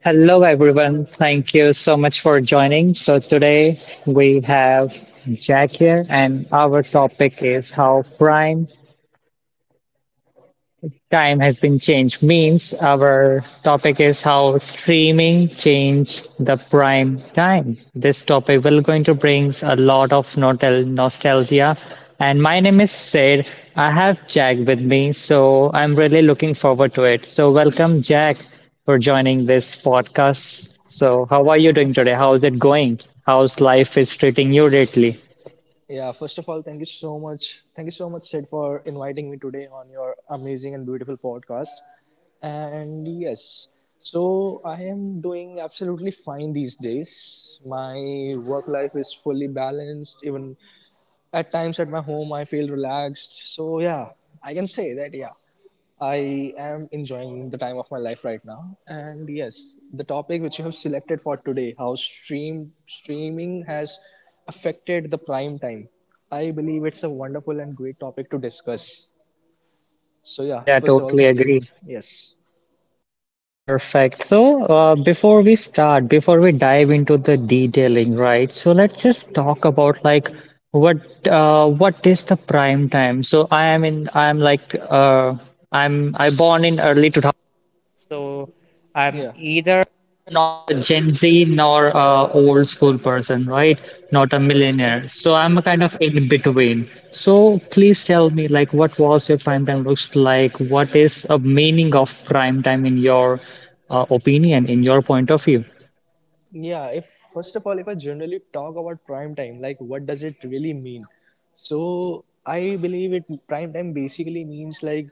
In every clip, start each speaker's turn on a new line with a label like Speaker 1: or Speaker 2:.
Speaker 1: Hello, everyone. Thank you so much for joining. So today we have Jack here, and our topic is how prime time has been changed. Means our topic is how streaming changed the prime time. This topic will going to brings a lot of nostalgia, and my name is Sid. I have Jack with me, so I'm really looking forward to it. So welcome, Jack, for joining this podcast. So how are you doing today? How's it going? How's life is treating you lately?
Speaker 2: Yeah, first of all, thank you so much. Thank you so much, Sid, for inviting me today on your amazing and beautiful podcast. And yes, so I am doing absolutely fine these days. My work life is fully balanced. Even at times at my home, I feel relaxed. I can say that, yeah. I am enjoying the time of my life right now. And yes, the topic which you have selected for today, how streaming has affected the prime time. I believe it's a wonderful and great topic to discuss.
Speaker 1: Yeah,
Speaker 2: First of all,
Speaker 1: totally
Speaker 2: thank you.
Speaker 1: agree.
Speaker 2: Yes.
Speaker 1: Perfect. So, before we start, before we dive into the detailing, right? So let's just talk about like what what is the prime time? So I am like I born in early 2000. So
Speaker 2: Yeah.
Speaker 1: I'm either not Gen Z nor a old school person, right? Not a millionaire.
Speaker 2: hmm
Speaker 1: So I'm a kind of in between. So please tell me, like, what was your prime time looks like? What is a meaning of prime time in your opinion, in your point of view?
Speaker 2: Yeah. If first of all, if I generally talk about prime time, like what does it really mean? So I believe it prime time basically means like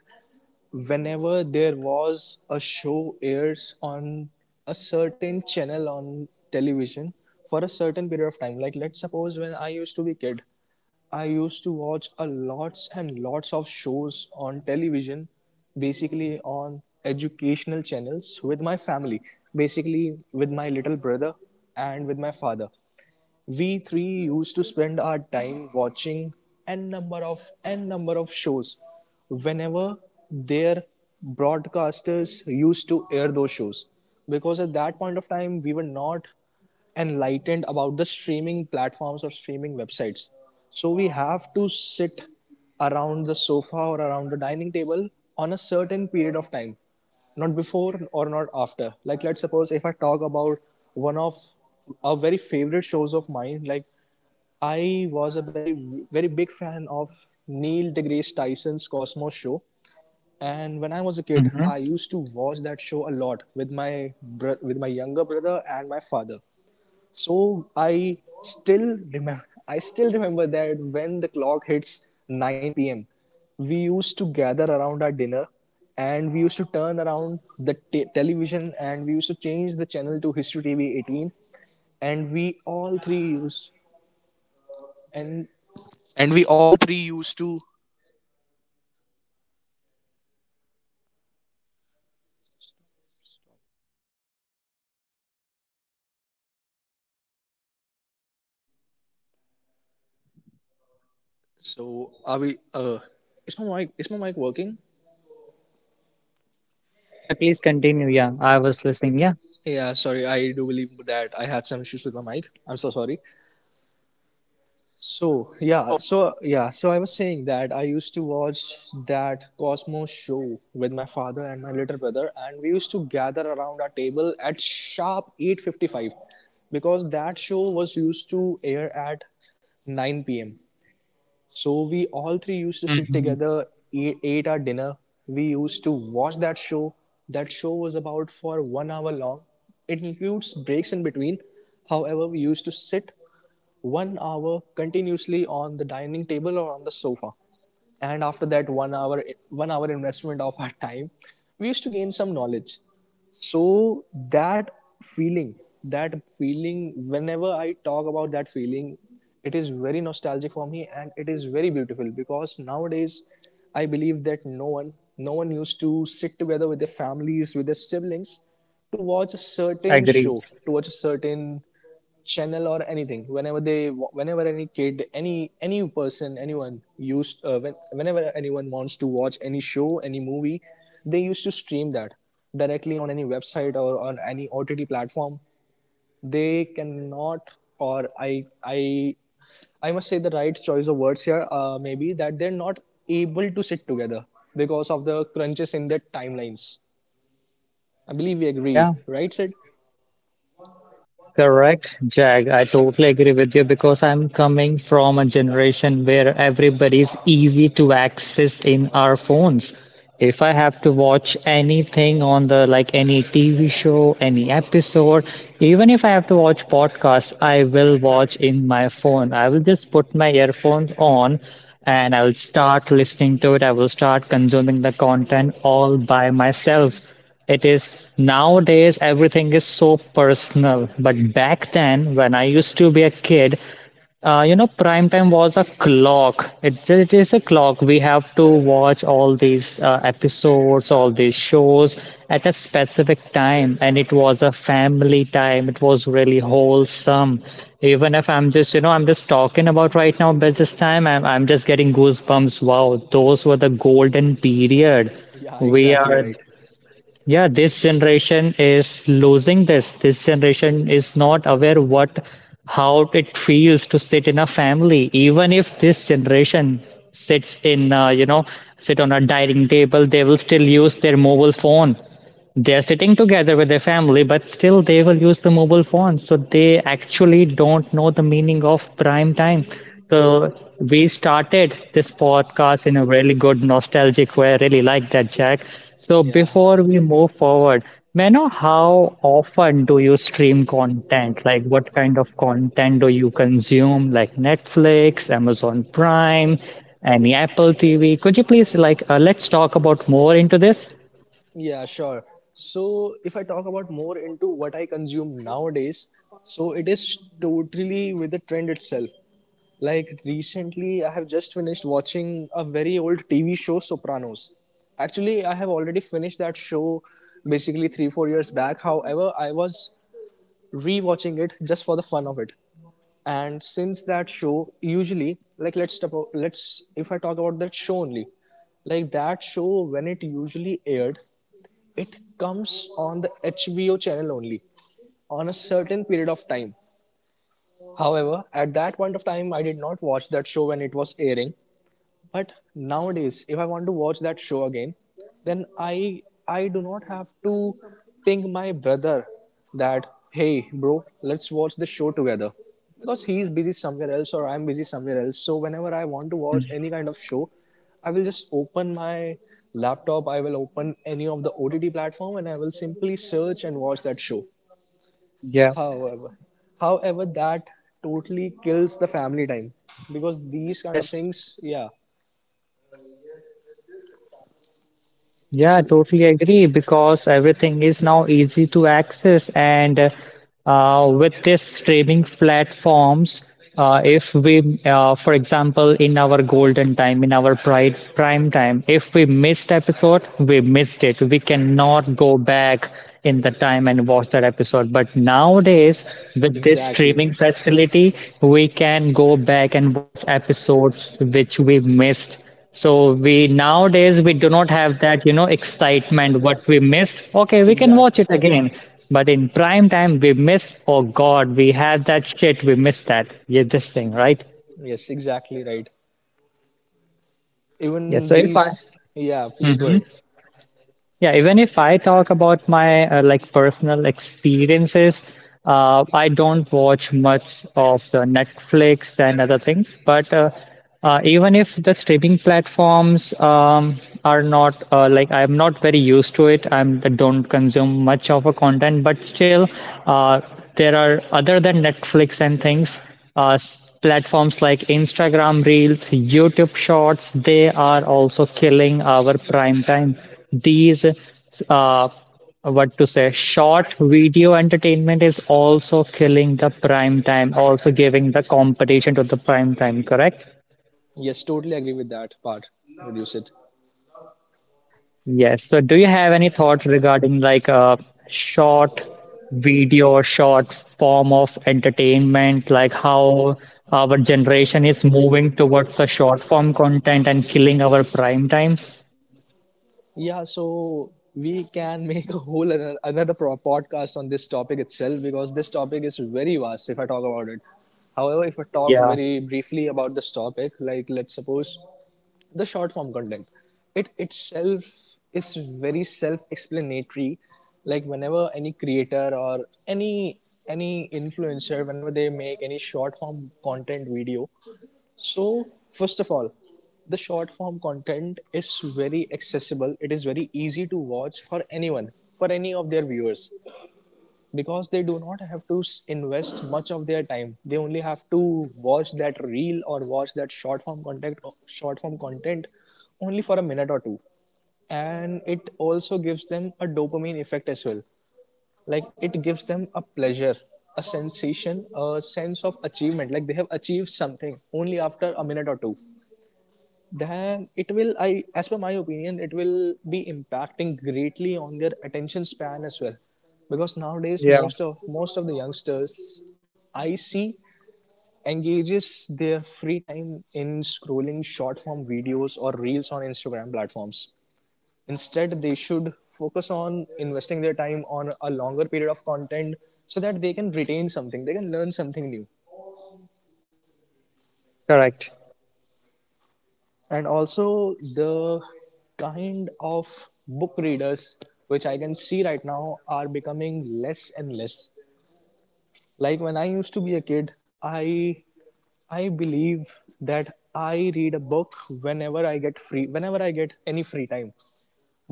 Speaker 2: whenever there was a show airs on a certain channel on television for a certain period of time. Like let's suppose when I used to be kid, I used to watch a lots and lots of shows on television, basically on educational channels with my family, basically with my little brother and with my father. We three used to spend our time watching n number of shows whenever their broadcasters used to air those shows, because at that point of time we were not enlightened about the streaming platforms or streaming websites. So we have to sit around the sofa or around the dining table on a certain period of time, not before or not after. Like, let's suppose if I talk about one of a very favorite shows of mine, like I was a very, very big fan of Neil deGrasse Tyson's Cosmos show. And when I was a kid, I
Speaker 1: Mm-hmm.
Speaker 2: used to watch that show a lot with my with my younger brother and my father. so I still remember I still remember that when the clock hits 9 p.m., we used to gather around our dinner and we used to turn around the television, and we used to change the channel to History TV 18, and we all three used and we all three used to, so are we is my mic working?
Speaker 1: Yeah, yeah. Please continue. Yeah, I was listening. Yeah.
Speaker 2: Yeah, sorry. I do believe that I had some issues with my mic. I'm so sorry. So I was saying that I used to watch that Cosmos show with my father and my little brother, and we used to gather around our table at sharp 8:55, because that show was used to air at 9 p.m. So we all
Speaker 1: Mm-hmm.
Speaker 2: three used to sit together, ate our dinner. We used to watch that show. That show was about for 1 hour long. It includes breaks in between. However, we used to sit 1 hour continuously on the dining table or on the sofa, and after that 1 hour investment of our time, we used to gain some knowledge. so that feeling that feeling, whenever I talk about that feeling, it is very nostalgic for me, and it is very beautiful. Because nowadays, I believe that no one used to sit together with their families, with their siblings, to
Speaker 1: I
Speaker 2: watch a
Speaker 1: agree.
Speaker 2: certain show, to watch a certain channel or anything. Whenever they whenever any kid any person, whenever anyone wants to watch any show, any movie, they used to stream that directly on any website or on any OTT platform. They cannot, or I must say, the right choice of words here, maybe that they're not able to sit together because of the crunches in their timelines. I
Speaker 1: Yeah.
Speaker 2: believe we agree, right, Sid?
Speaker 1: Correct, Jag. I totally agree with you because I'm coming from a generation where everybody's easy to access in our phones. If I have to watch anything on the like any TV show, any episode, even if I have to watch podcasts, I will watch in my phone. I will just put my earphones on and I will start listening to it. I will start consuming the content all by myself. It is nowadays everything is so personal, but back then when I used to be a kid, you know, prime time was a clock. It is a clock. We have to watch all these episodes, all these shows at a specific time, and it was a family time. It was really wholesome. Even if I'm just, you know, I'm just talking about right now, but this time I'm just getting goosebumps. Wow, those were the golden period.
Speaker 2: Yeah,
Speaker 1: We
Speaker 2: exactly
Speaker 1: are.
Speaker 2: right.
Speaker 1: Yeah, this generation is losing this generation is not aware what how it feels to sit in a family. Even if this generation sits in you know, sit on a dining table, they will still use their mobile phone. They are sitting together with their family, but still they will use the mobile phone. So they actually don't know the meaning of prime time. So we started this podcast in a really good nostalgic way. I really like that, Jack. So
Speaker 2: Yeah.
Speaker 1: before we move forward, may I know how often do you stream content? Like what kind of content do you consume? Like Netflix, Amazon Prime, any Apple TV? Could you please like let's talk about more into this?
Speaker 2: Yeah, sure. So if I talk about more into what I consume nowadays, so it is totally with the trend itself. Like recently, I have just finished watching a very old TV show, Sopranos. Actually, I have already finished that show basically three, 4 years back. However, I was rewatching it just for the fun of it. And since that show, usually, like let's if I talk about that show only, like that show, when it usually aired, it comes on the HBO channel only on a certain period of time. However, at that point of time, I did not watch that show when it was airing. But nowadays, if I want to watch that show again, then I do not have to ping my brother that, hey bro, let's watch the show together, because he is busy somewhere else or I'm busy somewhere else. So whenever I want to
Speaker 1: Hmm.
Speaker 2: watch any kind of show, I will just open my laptop, I will open any of the OTT platform, and I will simply search and watch that show.
Speaker 1: Yeah.
Speaker 2: However, that totally kills the family time, because these kind of
Speaker 1: Yes,
Speaker 2: things, yeah.
Speaker 1: yeah, I
Speaker 2: So
Speaker 1: totally agree because everything is now easy to access. And with this streaming platforms, if we, for example, in our golden time, in our prime time, if we missed episode, we missed it. We cannot go back in the time and watch that episode. But nowadays, with this
Speaker 2: exactly.
Speaker 1: streaming facility, we can go back and watch episodes which we missed. So we nowadays we do not have that, you know, excitement. What we missed, okay, we can watch
Speaker 2: Exactly.
Speaker 1: it again. But in prime time, we missed. Oh God, we had that shit. We missed that. Yeah, this thing, right?
Speaker 2: Yes, exactly right.
Speaker 1: Yeah.
Speaker 2: Even
Speaker 1: So if I,
Speaker 2: these, yeah, please go ahead.
Speaker 1: Mhm. Yeah, even if I talk about my like personal experiences, I don't watch much of the Netflix and other things. But even if the streaming platforms are not like I'm not very used to it, I don't consume much of a content. But still, uh, there are other than Netflix and things. Uh, Platforms like Instagram Reels, YouTube Shorts, they are also killing our prime time. These, uh, what to say, short video entertainment is also killing the prime time, also giving the competition to the prime time, correct?
Speaker 2: Yes, totally agree with that part. Reduce it.
Speaker 1: Yes. So, do you have any thoughts regarding like a short video or short form of entertainment, like how our generation is moving towards the short form content and killing our prime time?
Speaker 2: Yeah, so we can make a whole another podcast on this topic itself, because this topic is very vast if I talk about it. However, if I talk
Speaker 1: Yeah,
Speaker 2: very briefly about this topic, like let's suppose the short form content, it itself is very self explanatory. Like whenever any creator or any influencer, whenever they make any short form content video, so first of all, the short form content is very accessible, it is very easy to watch for anyone, for any of their viewers, because they do not have to invest much of their time. They only have to watch that reel or watch that short form content only for a minute or two, and it also gives them a dopamine effect as well. Like it gives them a pleasure, a sensation, a sense of achievement, like they have achieved something only after a minute or two. Then it will, I as per my opinion, it will be impacting greatly on their attention span as well, because nowadays
Speaker 1: yeah,
Speaker 2: most of the youngsters, I see, engages their free time in scrolling short form videos or reels on Instagram platforms. Instead, they should focus on investing their time on a longer period of content, so that they can retain something, they can learn something new.
Speaker 1: correct.
Speaker 2: And also, the kind of book readers, which I can see right now, are becoming less and less. Like when I used to be a kid, i I believe that I read a book whenever I get free whenever I get any free time.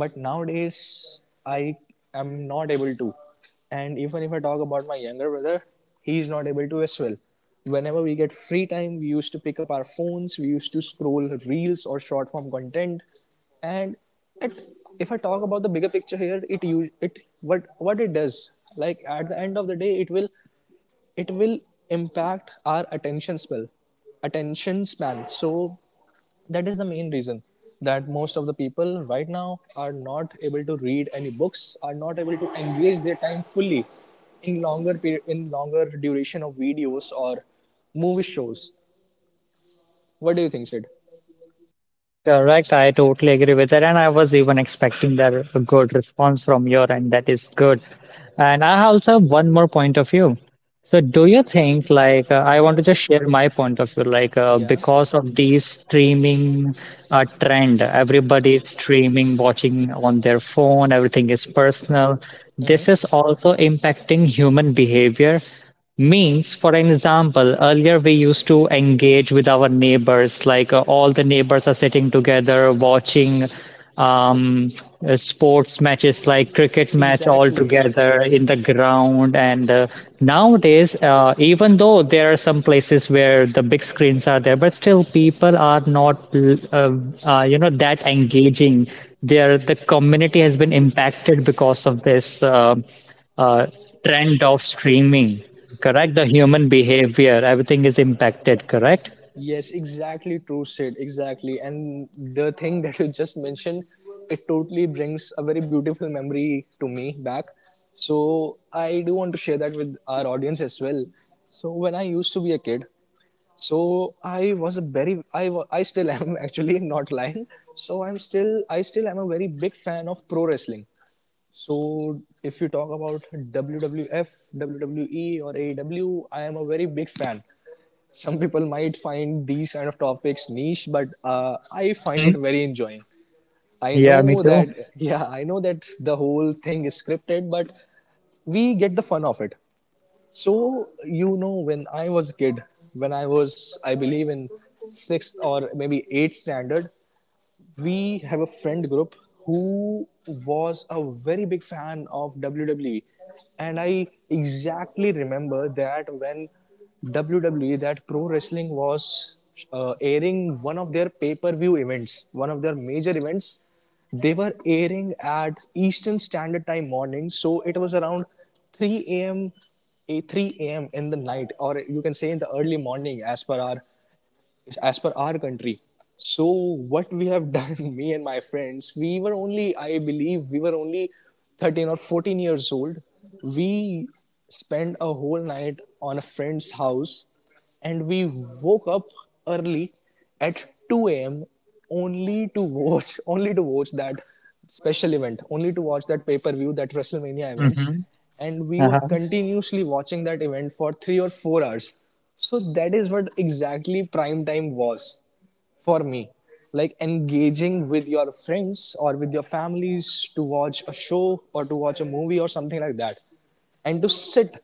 Speaker 2: But nowadays, I am not able to. And even if I talk about my younger brother, he is not able to as well. Whenever we get free time, we used to pick up our phones, we used to scroll reels or short form content. and it, if I talk about the bigger picture here, it u- it what it does, like at the end of the day, it will impact our attention span. So that is the main reason that most of the people right now are not able to read any books, are not able to engage their time fully in longer period, in longer duration of videos or movie shows. What do you think, Sid?
Speaker 1: Correct. I totally agree with that. And I was even expecting that a good response from your end. That is good. And I also have one more point of view. So, do you think, like, I want to just share my point of view, like,
Speaker 2: Yeah.
Speaker 1: because of the streaming trend, everybody is streaming, watching on their phone, everything is personal.
Speaker 2: Hmm.
Speaker 1: This is also impacting human behavior. Means, for an example, earlier we used to engage with our neighbors, like, all the neighbors are sitting together, watching um, sports matches like cricket match all
Speaker 2: Exactly.
Speaker 1: together in the ground. And nowadays, even though there are some places where the big screens are there, but still people are not uh, you know, that engaging there. The community has been impacted because of this uh, trend of streaming. Correct, the human behavior, everything is impacted, correct?
Speaker 2: Yes, exactly true, Sid, exactly. And the thing that you just mentioned, it totally brings a very beautiful memory to me back. So I do want to share that with our audience as well. So when I used to be a kid, so I was a very, I still am, actually not lying, so I'm still I still am a very big fan of pro wrestling. So if you talk about WWF, WWE or AEW, I am a very big fan. Some people might find these kind of topics niche, but I find
Speaker 1: Mm-hmm.
Speaker 2: it very enjoying. I
Speaker 1: Yeah, me
Speaker 2: know
Speaker 1: too.
Speaker 2: that, yeah, I know that the whole thing is scripted, but we get the fun of it. So you know, when I was a kid, when I was, I believe, in sixth or maybe eighth standard, we have a friend group who was a very big fan of WWE. And I exactly remember that when WWE, that pro wrestling was airing one of their pay per view events, one of their major events, they were airing at Eastern Standard Time morning. So it was around 3 a.m., 3 a.m. in the night, or you can say in the early morning, as per our country. So what we have done, me and my friends, we were only, I believe, we were only 13 or 14 years old. We spent a whole night on a friend's house, and we woke up early at 2 a.m. Only to watch, only to watch that special event, only to watch that pay-per-view, that WrestleMania event,
Speaker 1: Mm-hmm.
Speaker 2: and we were continuously watching that event for 3 or 4 hours. So that is what exactly prime time was for me, like engaging with your friends or with your families to watch a show or to watch a movie or something like that. And to sit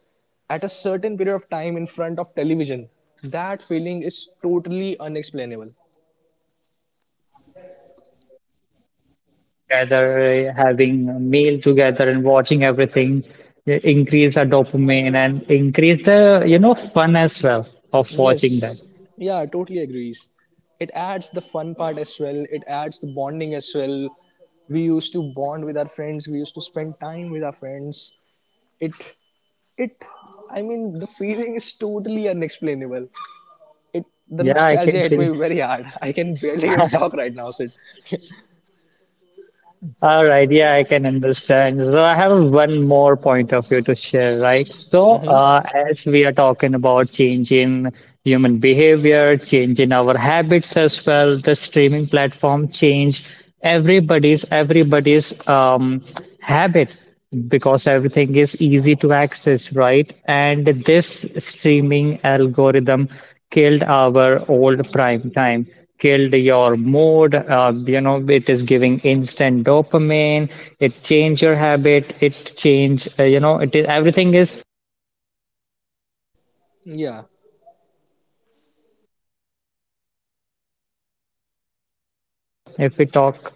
Speaker 2: at a certain period of time in front of television, that feeling is totally unexplainable.
Speaker 1: Together, having a meal together, and watching everything increase our dopamine and increase the, you know, fun as well of watching that.
Speaker 2: Yes, yeah, totally agrees. It adds the fun part as well. It adds the bonding as well. We used to bond with our friends. We used to spend time with our friends. It, it, I mean, the feeling is totally unexplainable. It, the
Speaker 1: Yeah, I
Speaker 2: nostalgia
Speaker 1: can
Speaker 2: hit me
Speaker 1: see.
Speaker 2: very hard. I can barely even talk right now, Sid.
Speaker 1: All right, yeah, I can understand. So I have one more point of view to share, right? So
Speaker 2: Hmm.
Speaker 1: as we are talking about change in human behavior, change in our habits as well, the streaming platform change everybody's habit, because everything is easy to access, right? And this streaming algorithm killed our old prime time, killed your mood. You know, it is giving instant dopamine. It changed your habit. It changed. You know, it is everything is.
Speaker 2: Yeah.
Speaker 1: If we talk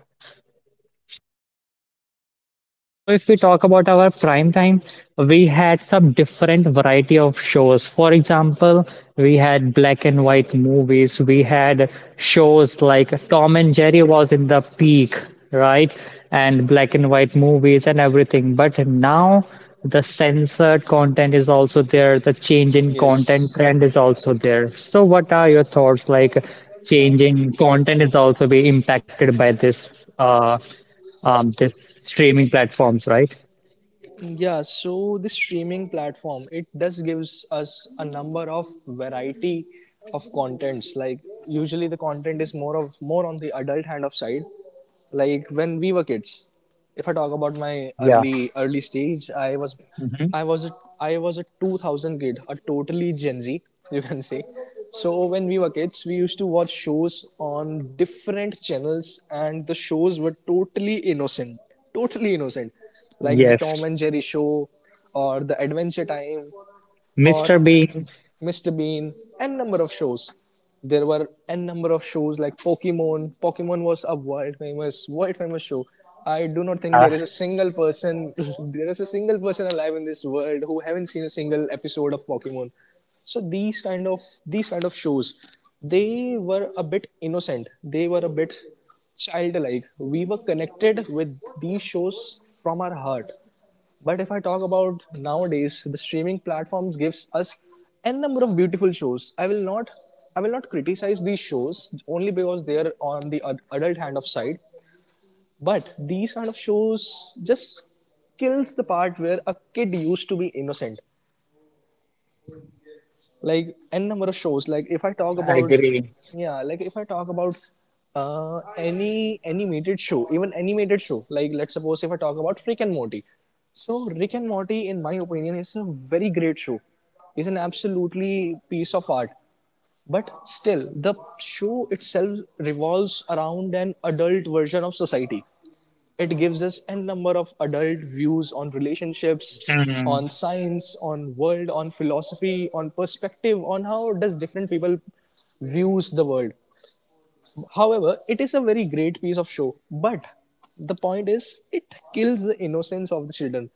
Speaker 1: So if we talk about our prime time, we had some different variety of shows. For example, we had black and white movies. We had shows like Tom and Jerry was in the peak, right? And black and white movies and everything. But now the censored content is also there. The change in content
Speaker 2: Yes.
Speaker 1: trend is also there. So what are your thoughts, like, changing content is also be impacted by this just streaming platforms, right?
Speaker 2: Yeah, so the streaming platform, it does gives us a number of variety of contents, like usually the content is more of more on the adult hand of side. Like when we were kids, if I talk about my
Speaker 1: Yeah.
Speaker 2: early stage, I was,
Speaker 1: Hmm.
Speaker 2: i was a I was a 2000 kid, a totally gen z, you can say. So when we were kids, we used to watch shows on different channels and the shows were totally innocent, totally innocent, like the Tom
Speaker 1: Yes.
Speaker 2: and Jerry show or the Adventure Time or
Speaker 1: Mr. Bean.
Speaker 2: Mr. Bean, n number of shows. There were n number of shows like Pokemon. Pokemon was a world famous show. I do not think there
Speaker 1: Yeah,
Speaker 2: is a single person, there is a single person alive in this world who haven't seen a single episode of Pokemon. So these kind of shows, they were a bit innocent. They were a bit childlike. We were connected with these shows from our heart, but if I talk about nowadays, the streaming platforms gives us n number of beautiful shows. I will not criticize these shows only because they are on the adult hand of side. But these kind of shows just kills the part where a kid used to be innocent, like n number of shows, like if I talk
Speaker 1: I
Speaker 2: about,
Speaker 1: agree.
Speaker 2: yeah, like if I talk about any animated show, even animated show, like let's suppose if I talk about Rick and Morty. So Rick and Morty in my opinion is a very great show. It's an absolutely piece of art, but still the show itself revolves around an adult version of society. It gives us n number of adult views on relationships,
Speaker 1: Mhm.
Speaker 2: on science, on world, on philosophy, on perspective, on how does different people views the world. However, it is a very great piece of show, but the point is it kills the innocence of the children,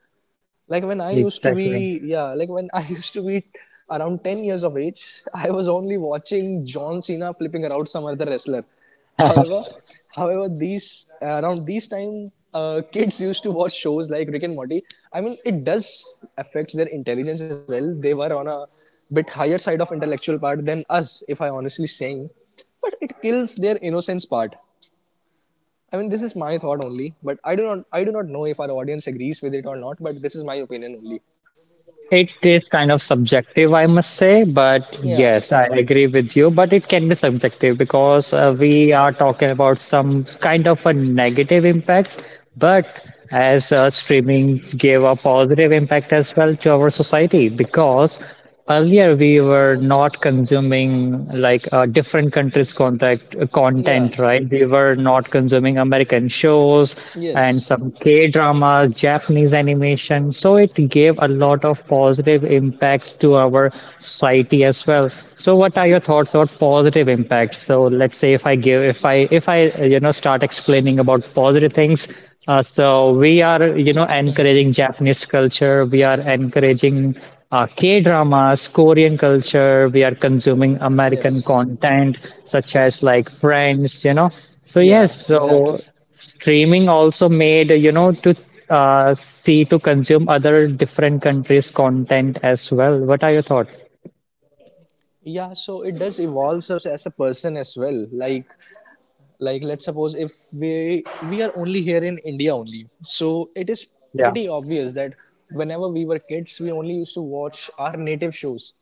Speaker 2: like when I used to
Speaker 1: Exactly.
Speaker 2: be, yeah, like when I used to be around 10 years of age, I was only watching John Cena flipping around some other wrestler. however however these around these time kids used to watch shows like Rick and Morty. I mean, it does affects their intelligence as well. They were on a bit higher side of intellectual part than us, if I honestly saying, but it kills their innocence part. I mean, this is my thought only, but I do not know if our audience agrees with it or not, but this is my opinion only.
Speaker 1: It is kind of subjective, I must say, but
Speaker 2: Yeah.
Speaker 1: yes, I agree with you. But it can be subjective because we are talking about some kind of a negative impact, but as streaming gave a positive impact as well to our society, because earlier we were not consuming like a different countries' contact,
Speaker 2: Yeah.
Speaker 1: content, right? We were not consuming American shows and
Speaker 2: Yes.
Speaker 1: some K dramas, Japanese animation. So it gave a lot of positive impact to our society as well. So what are your thoughts about positive impacts? So let's say if I give, if I, you know, start explaining about positive things, so we are, you know, encouraging Japanese culture. We are encouraging K dramas, Korean culture. We are consuming American
Speaker 2: Yes.
Speaker 1: content such as like Friends, you know. So
Speaker 2: Yeah,
Speaker 1: yes,
Speaker 2: exactly.
Speaker 1: so streaming also made, you know, to see to consume other different countries' content as well. What are your thoughts?
Speaker 2: Yeah, so it does evolves us as a person as well. Like let's suppose if we we are only here in India only, so it is
Speaker 1: Yeah,
Speaker 2: pretty obvious that whenever we were kids, we only used to watch our native shows,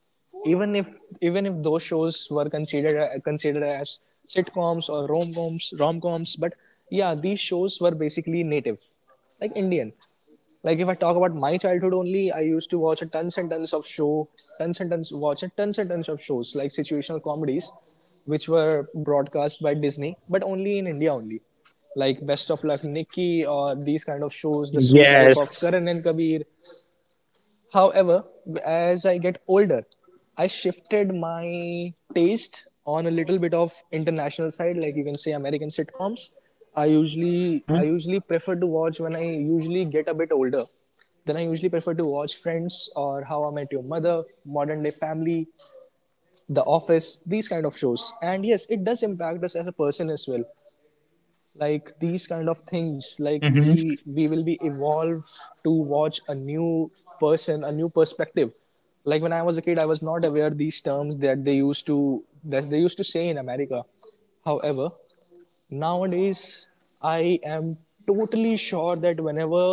Speaker 2: even if, even if those shows were considered considered as sitcoms or rom-coms, but yeah, these shows were basically native, like Indian. Like if I talk about my childhood only, I used to watch tons and tons of show, tons and tons of shows like situational comedies, which were broadcast by Disney, but only in India only, like Best
Speaker 1: yeah,
Speaker 2: of Luck Nikki or these kind of shows, The Suit Life of
Speaker 1: yes,
Speaker 2: Karan and Kabir. However, as I get older, I shifted my taste on a little bit of international side, like you can say American sitcoms.
Speaker 1: mm-hmm.
Speaker 2: I usually prefer to watch when I usually get a bit older. Then I usually prefer to watch Friends or How I Met Your Mother, Modern Day Family, The Office, these kind of shows. And yes, it does impact us as a person as well, like these kind of things, like
Speaker 1: Mm-hmm.
Speaker 2: we will be evolved to watch a new person, a new perspective. Like when I was a kid, I was not aware these terms that they used to that they used to say in America. However, nowadays I am totally sure that whenever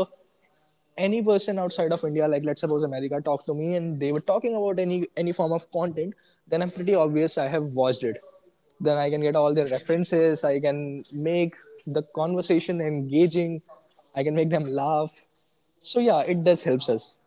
Speaker 2: any person outside of India, like let's suppose America, talked to me and they were talking about any form of content, then I'm pretty obvious I have watched it. Then I can get all their
Speaker 1: Yes.
Speaker 2: references. I can make the conversation engaging. I can make them laugh. So yeah, it does helps us.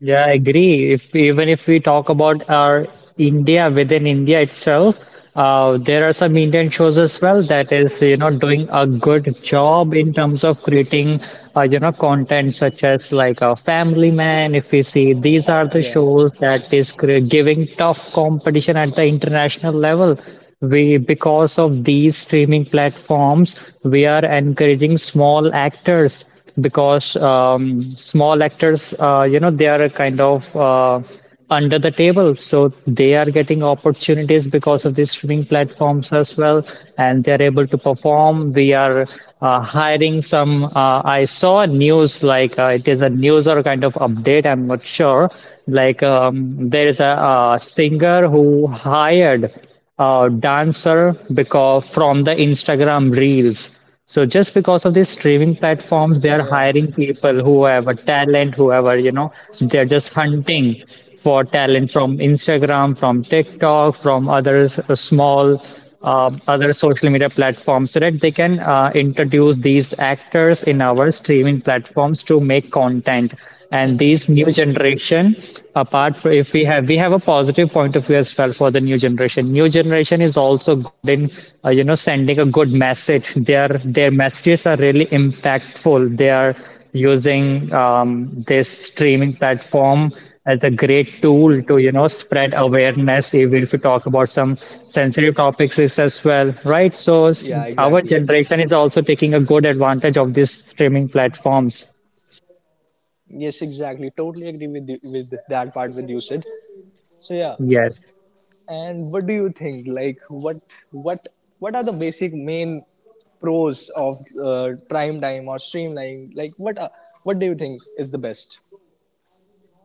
Speaker 1: Yeah, I agree. If even if we talk about our India, within India itself, there are some Indian shows as well that is, you know, doing a good job in terms of creating, you know, content such as like a Family Man. If we see, these are the
Speaker 2: Yeah,
Speaker 1: shows that is giving tough competition at the international level. We, because of these streaming platforms, we are encouraging small actors, because small actors, you know, they are kind of under the table, so they are getting opportunities because of these streaming platforms as well, and they're able to perform. We are hiring some. I saw news like it is a news or kind of update. I'm not sure. Like there is a, singer who hired a dancer because from the Instagram reels. So just because of these streaming platforms, they are
Speaker 2: yeah,
Speaker 1: hiring people, whoever, talent, whoever, you know, they're just hunting for talent from Instagram, from TikTok, from other small, other social media platforms, so that they can introduce these actors in our streaming platforms to make content. And
Speaker 2: hmm,
Speaker 1: these new
Speaker 2: yeah,
Speaker 1: generation, apart from if we have a positive point of view as well for the new generation. New generation is also good in you know, sending a good message. Their messages are really impactful. They are using this streaming platform as a great tool to, you know, spread awareness even if we talk about some sensitive topics is as well, right? So
Speaker 2: yeah.
Speaker 1: our
Speaker 2: Exactly.
Speaker 1: generation is also taking a good advantage of these streaming platforms.
Speaker 2: Yes, exactly. Totally agree with you, with that part with you, Sid. So yeah.
Speaker 1: Yes.
Speaker 2: And what do you think? Like, what what are the basic main pros of prime time or streamlining? Like, what are, what do you think is the best?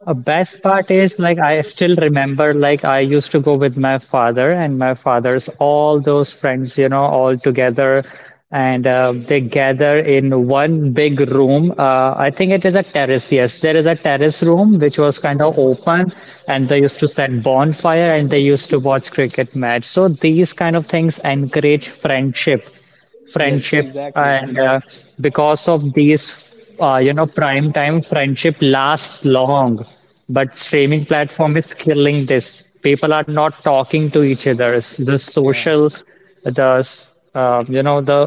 Speaker 1: A best part is like I still remember like I used to go with my father and my father's all those friends, you know, all together, and they gather in one big room. I think it is a terrace. Yes, there is a terrace room which was kind of open, and they used to set bonfire and they used to watch cricket match. So these kind of things encourage
Speaker 2: Yes,
Speaker 1: friendships.
Speaker 2: exactly.
Speaker 1: And because of these you know, prime time friendship lasts long, but streaming platform is killing this. People are not talking to each other. It's the
Speaker 2: Yeah,
Speaker 1: social you know, the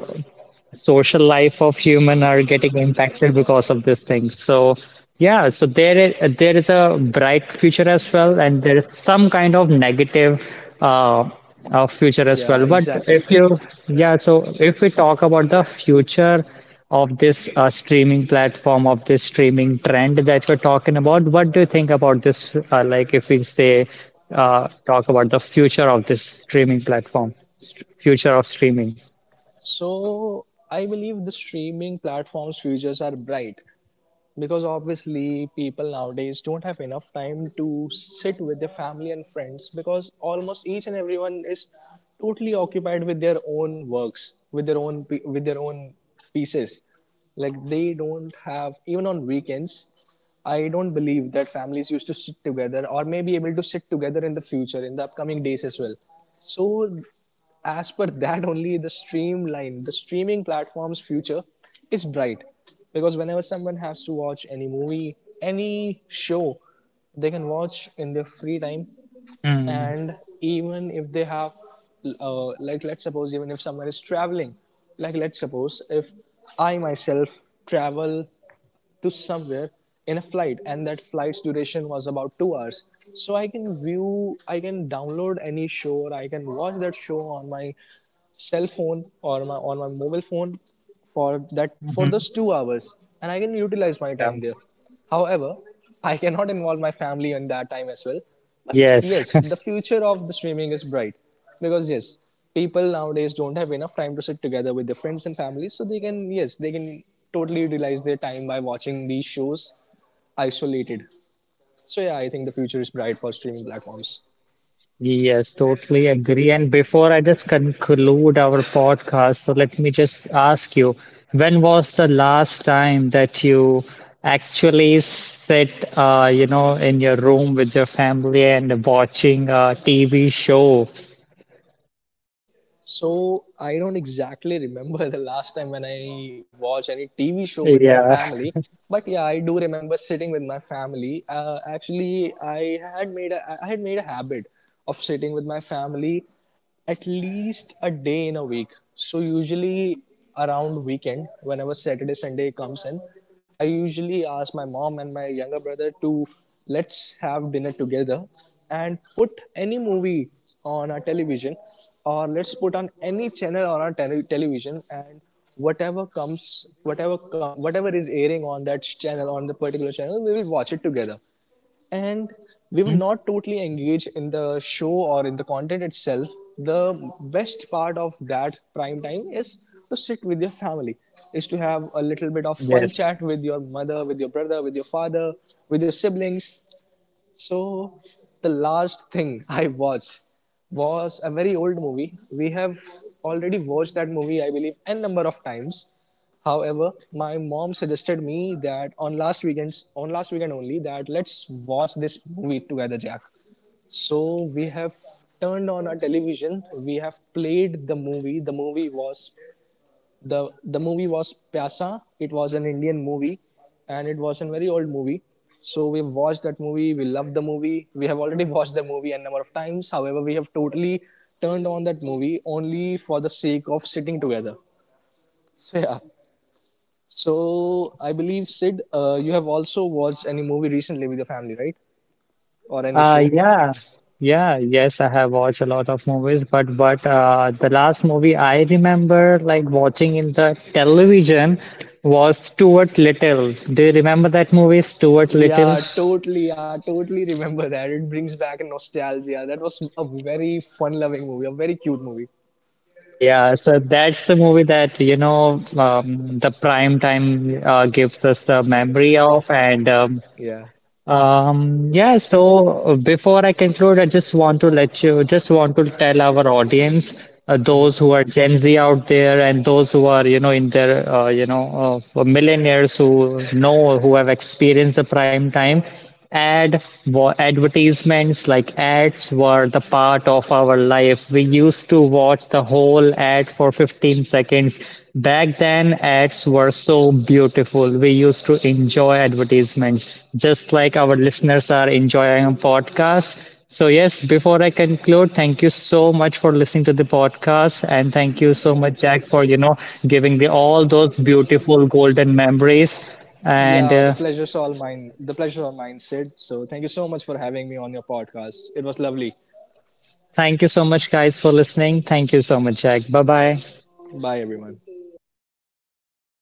Speaker 1: social life of human are getting impacted because of this thing. So yeah, so there is a bright future as well, and there is some kind of negative uh, future as
Speaker 2: yeah,
Speaker 1: well. But
Speaker 2: exactly.
Speaker 1: if you yeah, so if we talk about the future of this streaming platform, of this streaming trend that we're talking about, what do you think about this? Like if we say talk about the future of this streaming platform, future of streaming.
Speaker 2: So I believe the streaming platforms' futures are bright, because obviously people nowadays don't have enough time to sit with their family and friends because almost each and everyone is totally occupied with their own works, with their own with their own pieces, like they don't have even on weekends. I don't believe that families used to sit together or may be able to sit together in the future in the upcoming days as well. So as per that only, the streamline the streaming platform's future is bright, because whenever someone has to watch any movie, any show, they can watch in their free time.
Speaker 1: Mm.
Speaker 2: And even if they have like let's suppose even if someone is traveling, like let's suppose if I myself travel to somewhere in a flight and that flight's duration was about 2 hours, so I can view, I can download any show or I can watch that show on my cell phone or my on my mobile phone for that for those 2 hours, and I can utilize my
Speaker 1: Yeah.
Speaker 2: time there. However, I cannot involve my family in that time as well. But
Speaker 1: Yes.
Speaker 2: yes, the future of the streaming is bright because yes, people nowadays don't have enough time to sit together with their friends and families, so they can yes, they can totally utilize their time by watching these shows isolated. So yeah, I think the future is bright for streaming platforms.
Speaker 1: Yes, totally agree. And before I just conclude our podcast, so let me just ask you, when was the last time that you actually sit, you know, in your room with your family and watching a TV show?
Speaker 2: So I don't exactly remember the last time when I watched any TV show with my
Speaker 1: Yeah.
Speaker 2: family, but yeah, I do remember sitting with my family. Actually, I had made a habit of sitting with my family at least a day in a week. So usually around weekend, whenever Saturday Sunday comes in, I usually ask my mom and my younger brother to, let's have dinner together and put any movie on our television, or let's put on any channel on our television, and whatever comes, whatever is airing on that channel, on the particular channel, we will watch it together. And we were
Speaker 1: Hmm.
Speaker 2: not totally engaged in the show or in the content itself. The best part of that prime time is to sit with your family, is to have a little bit of fun
Speaker 1: Yes.
Speaker 2: chat with your mother, with your brother, with your father, with your siblings. So the last thing I watched was a very old movie. We have already watched that movie, I believe, n number of times. However, my mom suggested me that on last weekend only, that let's watch this movie together, Jack. So we have turned on our television. We have played the movie. The movie was Pyasa. It was an Indian movie, and it was a very old movie. So we've watched that movie. We love the movie. We have already watched the movie a number of times. However, we have totally turned on that movie only for the sake of sitting together. So yeah. So I believe Sid, you have also watched any movie recently with your family, right? Or any
Speaker 1: Uh,
Speaker 2: show?
Speaker 1: yeah, yeah, yes, I have watched a lot of movies, but the last movie I remember like watching in the television was Stuart Little. Do you remember that movie, Stuart Little?
Speaker 2: Yeah, totally. I totally remember that. It brings back nostalgia. That was a very fun-loving movie, a very cute movie.
Speaker 1: Yeah, so that's the movie that, you know, the prime time gives us the memory of. And
Speaker 2: Yeah.
Speaker 1: Yeah, so before I conclude, I just want to let you, just want to tell our audience, those who are Gen Z out there and those who are, you know, in their, you know, millionaires who know, who have experienced the prime time. Ad Advertisements like ads were the part of our life. We used to watch the whole ad for 15 seconds. Back then, ads were so beautiful. We used to enjoy advertisements, just like our listeners are enjoying a podcast. So, yes, before I conclude, thank you so much for listening to the podcast. And thank you so much, Jack, for, you know, giving the all those beautiful golden memories. And
Speaker 2: Yeah, the pleasure's all mine. The pleasure all mine, Sid. So thank you so much for having me on your podcast. It was lovely.
Speaker 1: thank you so much, guys, for listening. Thank you so much, Jack. Bye bye.
Speaker 2: Bye, everyone.